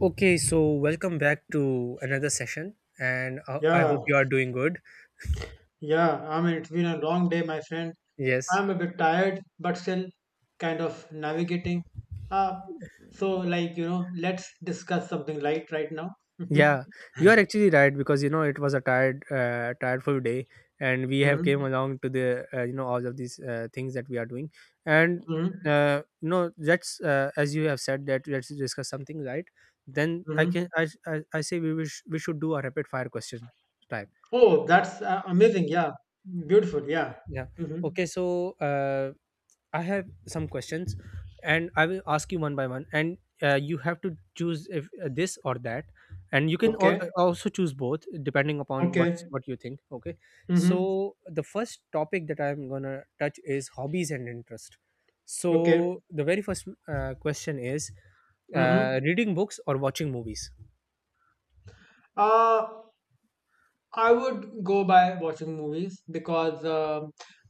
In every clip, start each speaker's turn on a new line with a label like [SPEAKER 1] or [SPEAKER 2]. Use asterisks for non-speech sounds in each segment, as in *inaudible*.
[SPEAKER 1] Okay, so welcome back to another session, and I
[SPEAKER 2] Yeah,
[SPEAKER 1] hope you are doing good.
[SPEAKER 2] yeah. I mean, it's been a long day, my friend.
[SPEAKER 1] Yes,
[SPEAKER 2] I'm a bit tired, but still kind of navigating. Uh, let's discuss something light right now. *laughs*
[SPEAKER 1] yeah, you are actually right because you know it was a tired, tiredful day, and we have came
[SPEAKER 2] hmm
[SPEAKER 1] along to the you know all of these things that we are doing, and
[SPEAKER 2] hmm
[SPEAKER 1] you know let's as you have said that let's discuss something right. Then I can
[SPEAKER 2] hmm
[SPEAKER 1] I say we wish we should do a rapid fire question type.
[SPEAKER 2] Oh, that's amazing. Yeah, beautiful. Yeah.
[SPEAKER 1] Yeah.
[SPEAKER 2] hmm
[SPEAKER 1] Okay, so I have some questions, and I will ask you one by one, and you have to choose if this or that, and you can
[SPEAKER 2] Okay.
[SPEAKER 1] also choose both depending upon what's
[SPEAKER 2] Okay.
[SPEAKER 1] what you think. Okay,
[SPEAKER 2] hmm
[SPEAKER 1] so the first topic that I'm gonna touch is hobbies and interest.
[SPEAKER 2] Okay.
[SPEAKER 1] So the very first question is
[SPEAKER 2] hmm
[SPEAKER 1] reading books or watching movies.
[SPEAKER 2] Uh, I would go by watching movies because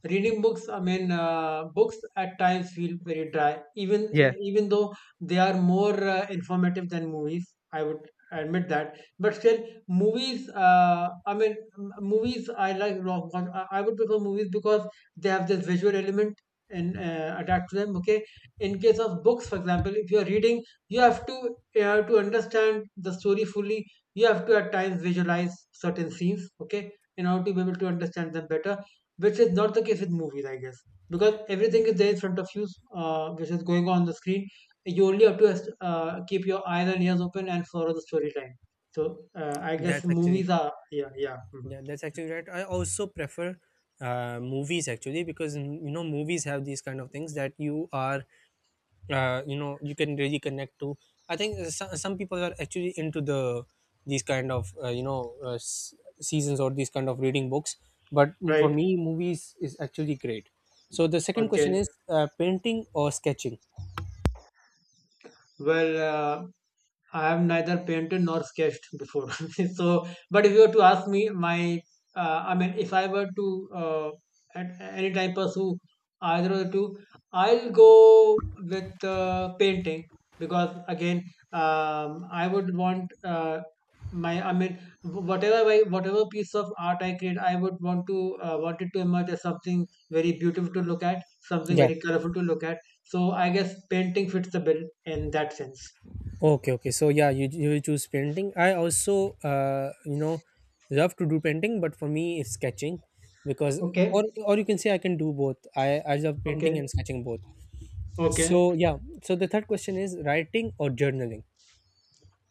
[SPEAKER 2] reading books. I mean, books at times feel very dry,
[SPEAKER 1] Yeah,
[SPEAKER 2] even though they are more informative than movies. I would admit that, but still, movies. I mean, movies. I like. Lo- wa- I would prefer movies because they have this visual element and attached to them. Okay, in case of books, for example, if you are reading, you have to understand the story fully. You have to at times visualize certain scenes, okay, in order to be able to understand them better, which is not the case with movies, I guess, because everything is there in front of you, which is going on the screen. You only have to keep your eyes and ears open and follow the storyline. So I guess
[SPEAKER 1] that's actually
[SPEAKER 2] movies are yeah, yeah, mhm.
[SPEAKER 1] yeah, that's actually right. I also prefer movies actually because you know movies have these kind of things that you are you know you can really connect to. I think some people are actually into the these kind of you know seasons or these kind of reading books, but for
[SPEAKER 2] Right.
[SPEAKER 1] me movies is actually great. So the second question
[SPEAKER 2] Okay,
[SPEAKER 1] is painting or sketching.
[SPEAKER 2] well uh, I have neither painted nor sketched before. *laughs* So, but if you were to ask me, my I mean, if I were to at any time pursue either of the two, I'll go with painting because again, I would want my I mean, wh- whatever I, whatever piece of art I create, I would want to want it to emerge as something very beautiful to look at, something
[SPEAKER 1] Yeah,
[SPEAKER 2] very colorful to look at. So, I guess painting fits the bill in that sense.
[SPEAKER 1] okay, okay, so yeah, you will choose painting. I also you know love to do painting, but for me it's sketching because
[SPEAKER 2] Okay.
[SPEAKER 1] or you can say I can do both. I love painting
[SPEAKER 2] Okay,
[SPEAKER 1] and sketching both.
[SPEAKER 2] okay.
[SPEAKER 1] So yeah, so the third question is writing or journaling.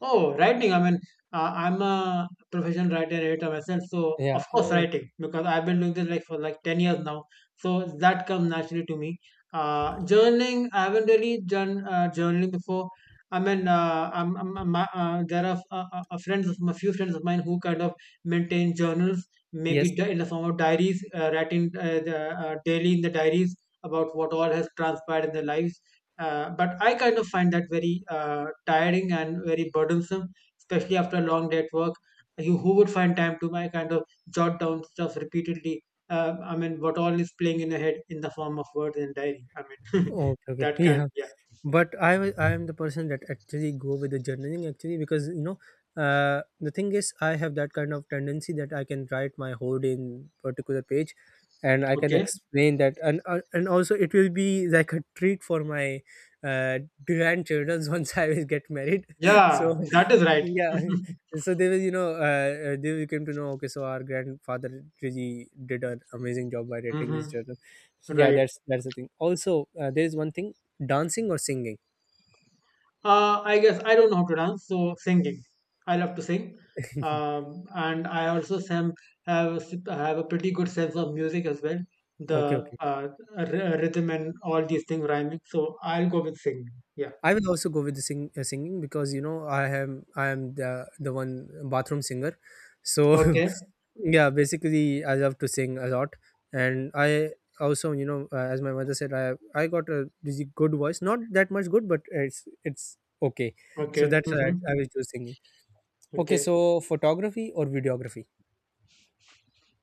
[SPEAKER 2] Oh, writing. I mean, I'm a professional writer and editor myself, so
[SPEAKER 1] Yeah.
[SPEAKER 2] of course
[SPEAKER 1] Oh,
[SPEAKER 2] writing because I've been doing this like for like 10 years now. So that comes naturally to me. Journaling, I haven't really done journaling before. I mean, I'm, there are friends of a few friends of mine who kind of maintain journals,
[SPEAKER 1] yes.
[SPEAKER 2] maybe in the form of diaries, writing daily in the diaries about what all has transpired in their lives. But I kind of find that very tiring and very burdensome, especially after a long day at work. You, who would find time to my kind of jot down stuff repeatedly? I mean, what all is playing in the head in the form of words and diary. I mean,
[SPEAKER 1] Okay.
[SPEAKER 2] *laughs*
[SPEAKER 1] Okay. *laughs*
[SPEAKER 2] that kind,
[SPEAKER 1] Yeah.
[SPEAKER 2] yeah.
[SPEAKER 1] But I am the person that actually go with the journaling actually because you know the thing is I have that kind of tendency that I can write my whole day in particular page, and I can
[SPEAKER 2] Okay.
[SPEAKER 1] explain that, and also it will be like a treat for my uh, grandchildren *laughs* once I will get married. *laughs*
[SPEAKER 2] Yeah,
[SPEAKER 1] So
[SPEAKER 2] that is right.
[SPEAKER 1] yeah, so they will you know they will come to know okay so our grandfather really did an amazing job by
[SPEAKER 2] *laughs*
[SPEAKER 1] writing his
[SPEAKER 2] hmm
[SPEAKER 1] journal. So yeah,
[SPEAKER 2] Right.
[SPEAKER 1] that's the thing. Also there is one thing. Dancing or singing?
[SPEAKER 2] I guess I don't know how to dance, so singing. I love to sing,
[SPEAKER 1] *laughs*
[SPEAKER 2] and I also have a, have a pretty good sense of music as well.
[SPEAKER 1] Okay,
[SPEAKER 2] The
[SPEAKER 1] okay.
[SPEAKER 2] rhythm and all these things rhyming. So I'll go with singing. Yeah.
[SPEAKER 1] I will also go with the singing because you know I am the one bathroom singer. So *laughs*
[SPEAKER 2] Okay.
[SPEAKER 1] yeah, basically I love to sing a lot, and I also you know as my mother said I got a really good voice, not that much good, but it's okay. So
[SPEAKER 2] Okay.
[SPEAKER 1] that's why I,
[SPEAKER 2] Mm-hmm.
[SPEAKER 1] I will choose singing. Okay,
[SPEAKER 2] Okay.
[SPEAKER 1] so photography or videography?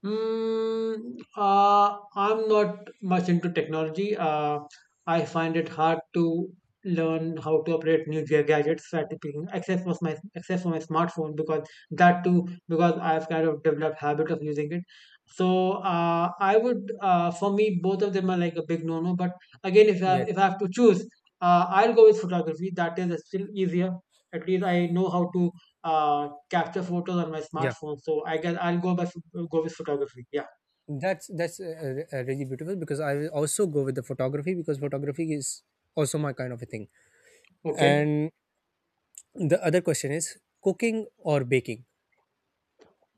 [SPEAKER 2] I'm not much into technology. I find it hard to learn how to operate new gadgets, that being- except for my smartphone, because that too, because I've kind of developed habit of using it. So I would, for me, both of them are like a big no-no. But again,
[SPEAKER 1] Yes.
[SPEAKER 2] if I have to choose, I'll go with photography. That is still easier. At least I know how to capture photos on my
[SPEAKER 1] Yeah.
[SPEAKER 2] smartphone. So I guess I'll go with photography. Yeah.
[SPEAKER 1] That's really beautiful because I will also go with the photography because photography is also my kind of a thing.
[SPEAKER 2] Okay.
[SPEAKER 1] And the other question is cooking or baking.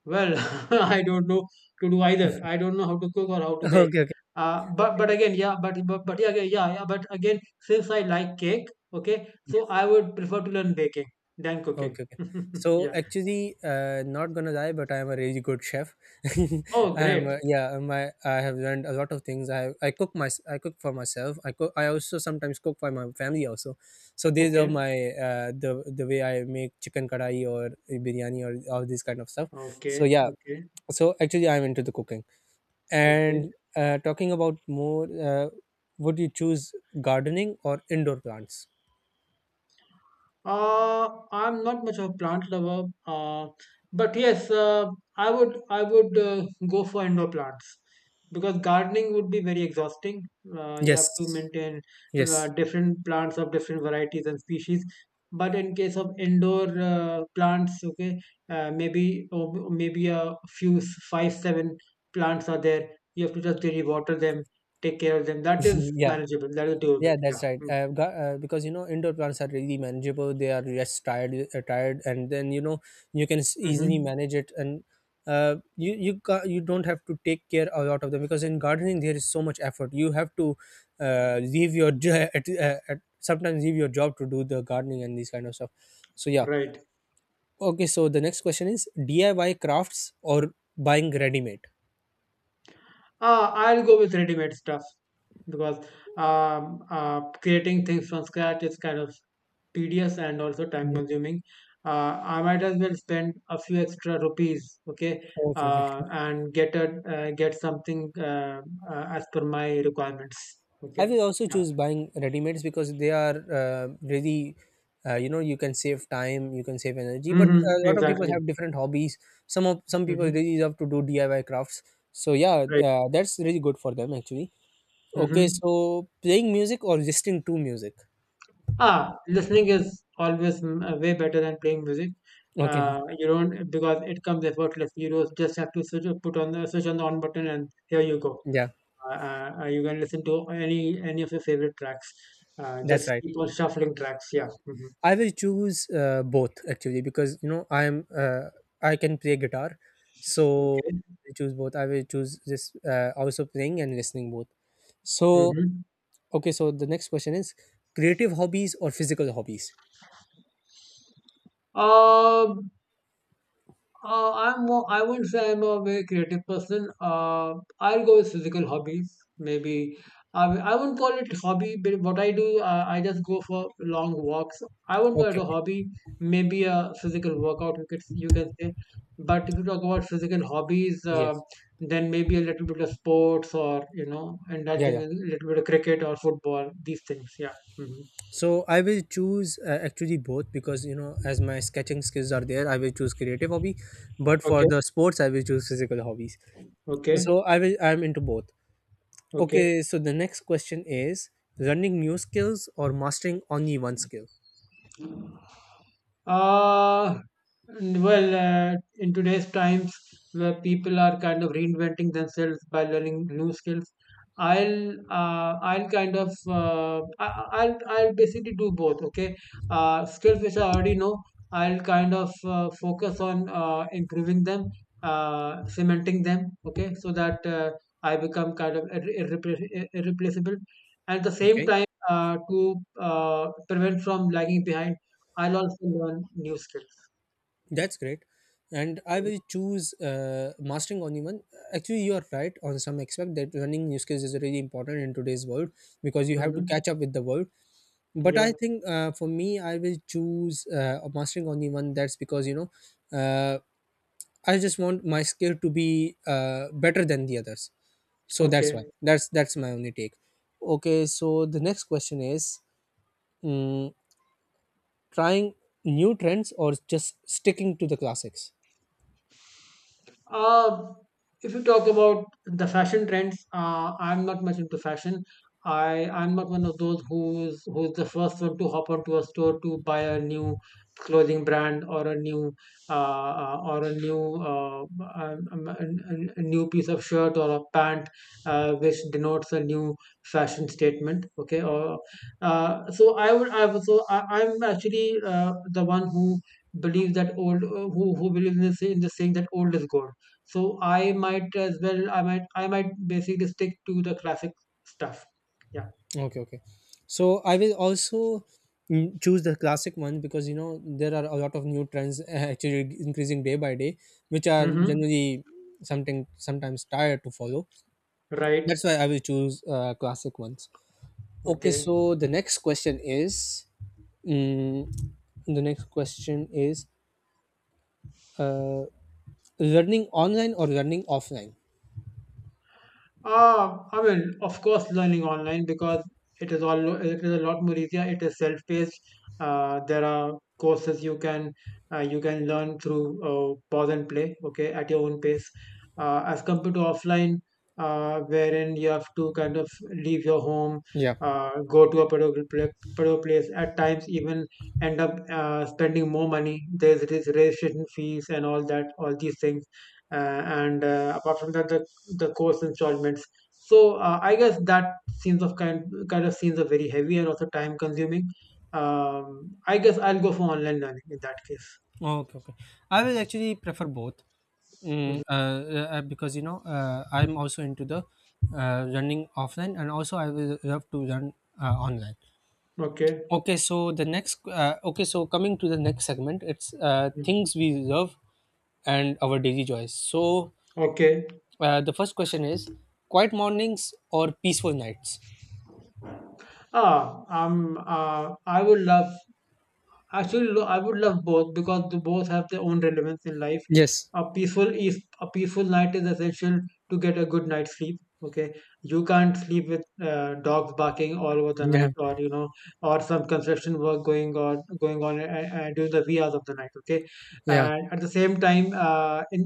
[SPEAKER 2] Well, *laughs* I don't know to do either. I don't know how to cook or how
[SPEAKER 1] *laughs*
[SPEAKER 2] to
[SPEAKER 1] Okay,
[SPEAKER 2] bake.
[SPEAKER 1] okay, okay.
[SPEAKER 2] But again, yeah. But yeah, yeah, yeah, yeah. But again, since I like cake, okay,
[SPEAKER 1] Okay.
[SPEAKER 2] so I would prefer to learn baking than cooking.
[SPEAKER 1] Okay, okay.
[SPEAKER 2] *laughs*
[SPEAKER 1] So
[SPEAKER 2] Yeah.
[SPEAKER 1] actually, not gonna lie, but I am a really good chef. *laughs*
[SPEAKER 2] Oh,
[SPEAKER 1] I am, a,
[SPEAKER 2] great.
[SPEAKER 1] yeah, my I have learned a lot of things. I cook for myself. I cook. I also sometimes cook for my family also. So these are
[SPEAKER 2] Okay.
[SPEAKER 1] my the way I make chicken kadai or biryani or all this kind of stuff. So
[SPEAKER 2] Okay.
[SPEAKER 1] yeah,
[SPEAKER 2] Okay.
[SPEAKER 1] so actually I'm into the cooking.
[SPEAKER 2] Okay.
[SPEAKER 1] And talking about more, would you choose gardening or indoor plants?
[SPEAKER 2] I'm not much of a plant lover, but yes, I would go for indoor plants because gardening would be very exhausting. You have to
[SPEAKER 1] Yes.
[SPEAKER 2] maintain
[SPEAKER 1] Yes.
[SPEAKER 2] different plants of different varieties and species. But in case of indoor plants, okay, maybe a few five, seven plants are there. You have to just daily water them, take care of them. That
[SPEAKER 1] *laughs*
[SPEAKER 2] is
[SPEAKER 1] Yeah.
[SPEAKER 2] manageable. That is doable.
[SPEAKER 1] Yeah, that's
[SPEAKER 2] Yeah.
[SPEAKER 1] right.
[SPEAKER 2] Mm-hmm.
[SPEAKER 1] I've got because you know indoor plants are really manageable. They are less tired, tired, and then you know you can easily
[SPEAKER 2] Mm-hmm.
[SPEAKER 1] manage it, and you don't have to take care a lot of them because in gardening there is so much effort. You have to leave your *laughs* at, sometimes leave your job to do the gardening and these kind of stuff. So yeah,
[SPEAKER 2] Right.
[SPEAKER 1] okay. So the next question is DIY crafts or buying ready made.
[SPEAKER 2] I'll go with ready-made stuff because creating things from scratch is kind of tedious and also
[SPEAKER 1] Mm,
[SPEAKER 2] time-consuming. I might as well spend a few extra rupees, okay,
[SPEAKER 1] Okay, okay.
[SPEAKER 2] and get something as per my requirements,
[SPEAKER 1] I
[SPEAKER 2] okay.
[SPEAKER 1] will also
[SPEAKER 2] Yeah.
[SPEAKER 1] choose buying ready-mades because they are really, you know, you can save time, you can save energy. But a
[SPEAKER 2] Mm-hmm.
[SPEAKER 1] lot of people
[SPEAKER 2] Exactly.
[SPEAKER 1] have different hobbies. Some people
[SPEAKER 2] Mm-hmm.
[SPEAKER 1] really love to do DIY crafts. So yeah,
[SPEAKER 2] Right.
[SPEAKER 1] that's really good for them actually. Okay,
[SPEAKER 2] Mm-hmm.
[SPEAKER 1] so playing music or listening to music.
[SPEAKER 2] Ah, listening is always way better than playing music.
[SPEAKER 1] Okay,
[SPEAKER 2] You don't because it comes effortless. You don't just have to switch, put on the on button, and here you go.
[SPEAKER 1] yeah,
[SPEAKER 2] You can listen to any of your favorite tracks.
[SPEAKER 1] that's
[SPEAKER 2] Just
[SPEAKER 1] right.
[SPEAKER 2] keep on shuffling tracks. Yeah. hmm
[SPEAKER 1] I will choose both actually because you know I'm I can play guitar, so
[SPEAKER 2] Okay.
[SPEAKER 1] I choose both. I will choose this also playing and listening both. So
[SPEAKER 2] Mm-hmm.
[SPEAKER 1] okay, so the next question is creative hobbies or physical hobbies?
[SPEAKER 2] Um, I'm more, I wouldn't say I'm a very creative person. I'll go with physical hobbies, maybe. I wouldn't call it hobby, but what I do, I just go for long walks. I wouldn't call it
[SPEAKER 1] Okay,
[SPEAKER 2] a
[SPEAKER 1] okay.
[SPEAKER 2] hobby, maybe a physical workout, you can say. But if you talk about physical hobbies,
[SPEAKER 1] Yes.
[SPEAKER 2] then maybe a little bit of sports or, you know,
[SPEAKER 1] Yeah,
[SPEAKER 2] indulging
[SPEAKER 1] yeah.
[SPEAKER 2] in a little bit of cricket or football, these things. Yeah. hmm
[SPEAKER 1] So I will choose actually both because you know as my sketching skills are there, I will choose creative hobby, but
[SPEAKER 2] Okay.
[SPEAKER 1] for the sports I will choose physical hobbies.
[SPEAKER 2] Okay.
[SPEAKER 1] So I'm into both.
[SPEAKER 2] Okay.
[SPEAKER 1] Okay, so the next question is learning new skills or mastering only one skill.
[SPEAKER 2] Uh, in today's times where people are kind of reinventing themselves by learning new skills, I'll kind of I- I'll basically do both. Okay, skills which I already know, I'll kind of focus on improving them, cementing them. Okay, so that I become kind of irreplaceable. At the same
[SPEAKER 1] Okay.
[SPEAKER 2] time, to prevent from lagging behind. I'll also learn new skills.
[SPEAKER 1] That's great. And I will choose mastering only one. Actually, you are right on some aspect that learning new skills is really important in today's world because you have to
[SPEAKER 2] Mm-hmm.
[SPEAKER 1] catch up with the world. But
[SPEAKER 2] Yeah.
[SPEAKER 1] I think for me, I will choose mastering only one. That's because you know, uh, I just want my skill to be better than the others. So that's why.
[SPEAKER 2] Okay.
[SPEAKER 1] That's my only take. Okay. So the next question is: mm, trying new trends or just sticking to the classics?
[SPEAKER 2] Uh, if you talk about the fashion trends, I'm not much into fashion. I'm not one of those who's the first one to hop onto a store to buy a new clothing brand or a new piece of shirt or a pant which denotes a new fashion statement. Okay, or so I would- so I, I'm actually the one who believes that old who believes in the, in the saying that old is gold. So I might as well I might basically stick to the classic stuff. Yeah.
[SPEAKER 1] Okay, okay. So I will also choose the classic one because you know there are a lot of new trends *laughs* actually increasing day by day, which are
[SPEAKER 2] Mm-hmm.
[SPEAKER 1] generally something sometimes tired to follow.
[SPEAKER 2] Right.
[SPEAKER 1] That's why I will choose classic ones. Okay,
[SPEAKER 2] Okay.
[SPEAKER 1] so the next question is, mm, the next question is, uh, learning online or learning offline?
[SPEAKER 2] I mean, of course, learning online because it is a lot more easier. It is self-paced. There are courses you can learn through pause and play, okay, at your own pace, as compared to offline, wherein you have to kind of leave your home,
[SPEAKER 1] Yeah.
[SPEAKER 2] go to a particular place. At times, even end up spending more money. There's this registration fees and all that, all these things. Uh, and apart from that, the course installments. So I guess that scenes of kind kind of scenes are very heavy and also time consuming. I guess I'll go for online learning in that case.
[SPEAKER 1] Oh, okay, okay. I will actually prefer both, because you know I'm also into the running offline, and also I will love to run online.
[SPEAKER 2] Okay.
[SPEAKER 1] Okay, so the okay, so coming to the next segment, it's
[SPEAKER 2] Mm.
[SPEAKER 1] things we love and our daily joys. So
[SPEAKER 2] Okay.
[SPEAKER 1] the first question is, quiet mornings or peaceful nights?
[SPEAKER 2] Ah, um, uh, I would love I would love both because the both have their own relevance in life.
[SPEAKER 1] Yes.
[SPEAKER 2] A peaceful night is essential to get a good night's sleep. Okay, you can't sleep with dogs barking all over the night,
[SPEAKER 1] Yeah.
[SPEAKER 2] or you know, or some construction work going on during the wee hours of the night. Okay,
[SPEAKER 1] Yeah.
[SPEAKER 2] and at the same time, uh, in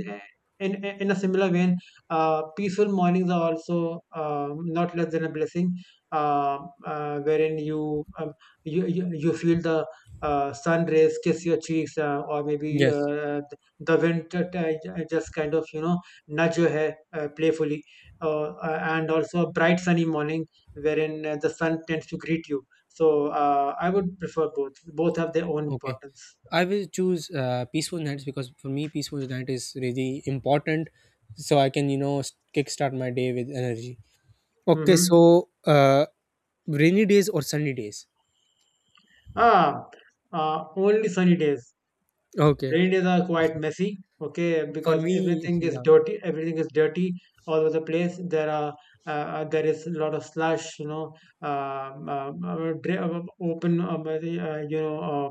[SPEAKER 2] in in a similar vein, peaceful mornings are also not less than a blessing, uh, wherein you, you feel the sun rays kiss your cheeks, or maybe
[SPEAKER 1] Yes.
[SPEAKER 2] the wind just kind of, you know, nudge your hair playfully, and also a bright sunny morning wherein the sun tends to greet you. So I would prefer both. Both have their own
[SPEAKER 1] Okay.
[SPEAKER 2] importance.
[SPEAKER 1] I will choose peaceful nights because for me, peaceful night is really important. So I can, you know, kickstart my day with energy. Okay.
[SPEAKER 2] hmm
[SPEAKER 1] So rainy days or sunny days?
[SPEAKER 2] ah uh, only sunny days.
[SPEAKER 1] Okay.
[SPEAKER 2] Rainy days are quite messy, okay,
[SPEAKER 1] For
[SPEAKER 2] because
[SPEAKER 1] me, *laughs*
[SPEAKER 2] everything is
[SPEAKER 1] yeah.
[SPEAKER 2] dirty. Everything is dirty all over the place. There is a lot of slush, you know, open,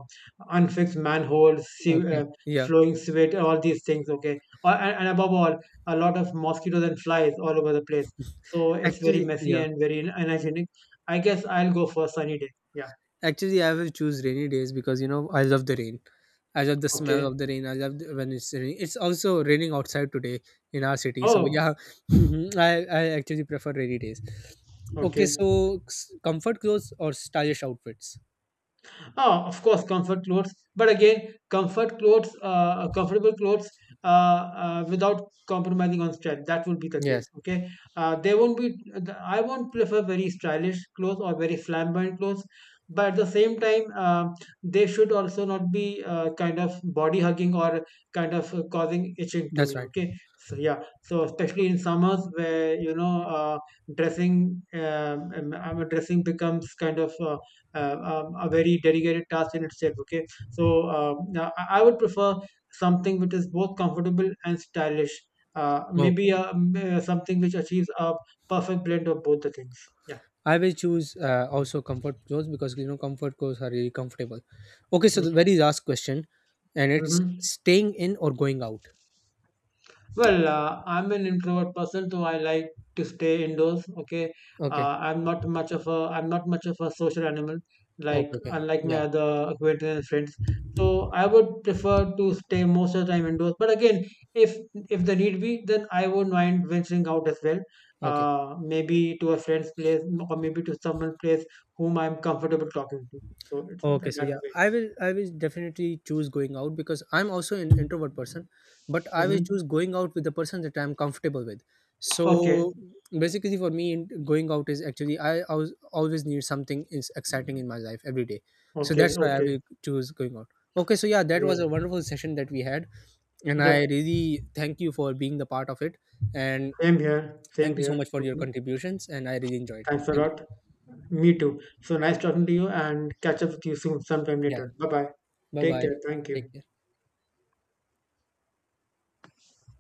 [SPEAKER 2] unfixed manholes,
[SPEAKER 1] Okay. Yeah.
[SPEAKER 2] flowing sewage, all these things, okay. And above all, a lot of mosquitoes and flies all over the place. So it's very
[SPEAKER 1] Actually,
[SPEAKER 2] messy
[SPEAKER 1] yeah.
[SPEAKER 2] and very unhygienic. I guess I'll go for a sunny day. Yeah.
[SPEAKER 1] Actually, I will choose rainy days because you know I love the rain. I love the smell
[SPEAKER 2] Okay.
[SPEAKER 1] of the rain. I love the, when it's raining. It's also raining outside today in our city. So
[SPEAKER 2] Oh.
[SPEAKER 1] yeah, *laughs* I actually prefer rainy days. Okay,
[SPEAKER 2] Okay.
[SPEAKER 1] so comfort clothes or stylish outfits?
[SPEAKER 2] Oh, of course, comfort clothes. But again, comfortable clothes, without compromising on style. That would be the case.
[SPEAKER 1] Yes,
[SPEAKER 2] Okay, they won't be. I won't prefer very stylish clothes or very flamboyant clothes. But at the same time, they should also not be kind of body hugging or kind of causing itching to
[SPEAKER 1] that's
[SPEAKER 2] me.
[SPEAKER 1] right.
[SPEAKER 2] Okay, so yeah, so especially in summers where you know dressing becomes kind of. A very dedicated task in itself. Okay, so now I would prefer something which is both comfortable and stylish.
[SPEAKER 1] Okay.
[SPEAKER 2] Something which achieves a perfect blend of both the things. Yeah.
[SPEAKER 1] I will choose also comfort clothes because you know comfort clothes are really comfortable. Okay, so the
[SPEAKER 2] hmm
[SPEAKER 1] very last question, and it's
[SPEAKER 2] hmm
[SPEAKER 1] staying in or going out.
[SPEAKER 2] Well, I'm an introvert person, so I like to stay indoors. Okay,
[SPEAKER 1] Okay,
[SPEAKER 2] I'm not much of a I'm not much of a social animal, like
[SPEAKER 1] okay, okay.
[SPEAKER 2] unlike my
[SPEAKER 1] Yeah,
[SPEAKER 2] other acquaintances and friends. So I would prefer to stay most of the time indoors. But again, if if the need be, then I won't mind venturing out as well.
[SPEAKER 1] okay.
[SPEAKER 2] Maybe to a friend's place, or maybe to someone place whom I'm comfortable talking to. So it's
[SPEAKER 1] Okay, so
[SPEAKER 2] that
[SPEAKER 1] yeah,
[SPEAKER 2] way.
[SPEAKER 1] I will definitely choose going out because I'm also an introvert person, but I will choose
[SPEAKER 2] Hmm
[SPEAKER 1] going out with the person that I'm comfortable with.
[SPEAKER 2] Okay,
[SPEAKER 1] So basically, for me, going out is actually I always need something is exciting in my life every day. So
[SPEAKER 2] okay,
[SPEAKER 1] that's why I
[SPEAKER 2] okay,
[SPEAKER 1] will choose going out. Okay, so yeah, that was a
[SPEAKER 2] right.
[SPEAKER 1] wonderful session that we had, and I
[SPEAKER 2] Yep.
[SPEAKER 1] really thank you for being the part of it, and
[SPEAKER 2] Same here. Same
[SPEAKER 1] thank you so
[SPEAKER 2] here.
[SPEAKER 1] much for your
[SPEAKER 2] Mhm.
[SPEAKER 1] contributions, and I really enjoyed it.
[SPEAKER 2] Thanks a
[SPEAKER 1] Thank
[SPEAKER 2] lot.
[SPEAKER 1] you.
[SPEAKER 2] Me too. So nice talking to you and catch up with you soon, sometime
[SPEAKER 1] Yeah,
[SPEAKER 2] later. Bye bye.
[SPEAKER 1] bye
[SPEAKER 2] Take
[SPEAKER 1] bye.
[SPEAKER 2] care. Thank you.
[SPEAKER 1] Take care.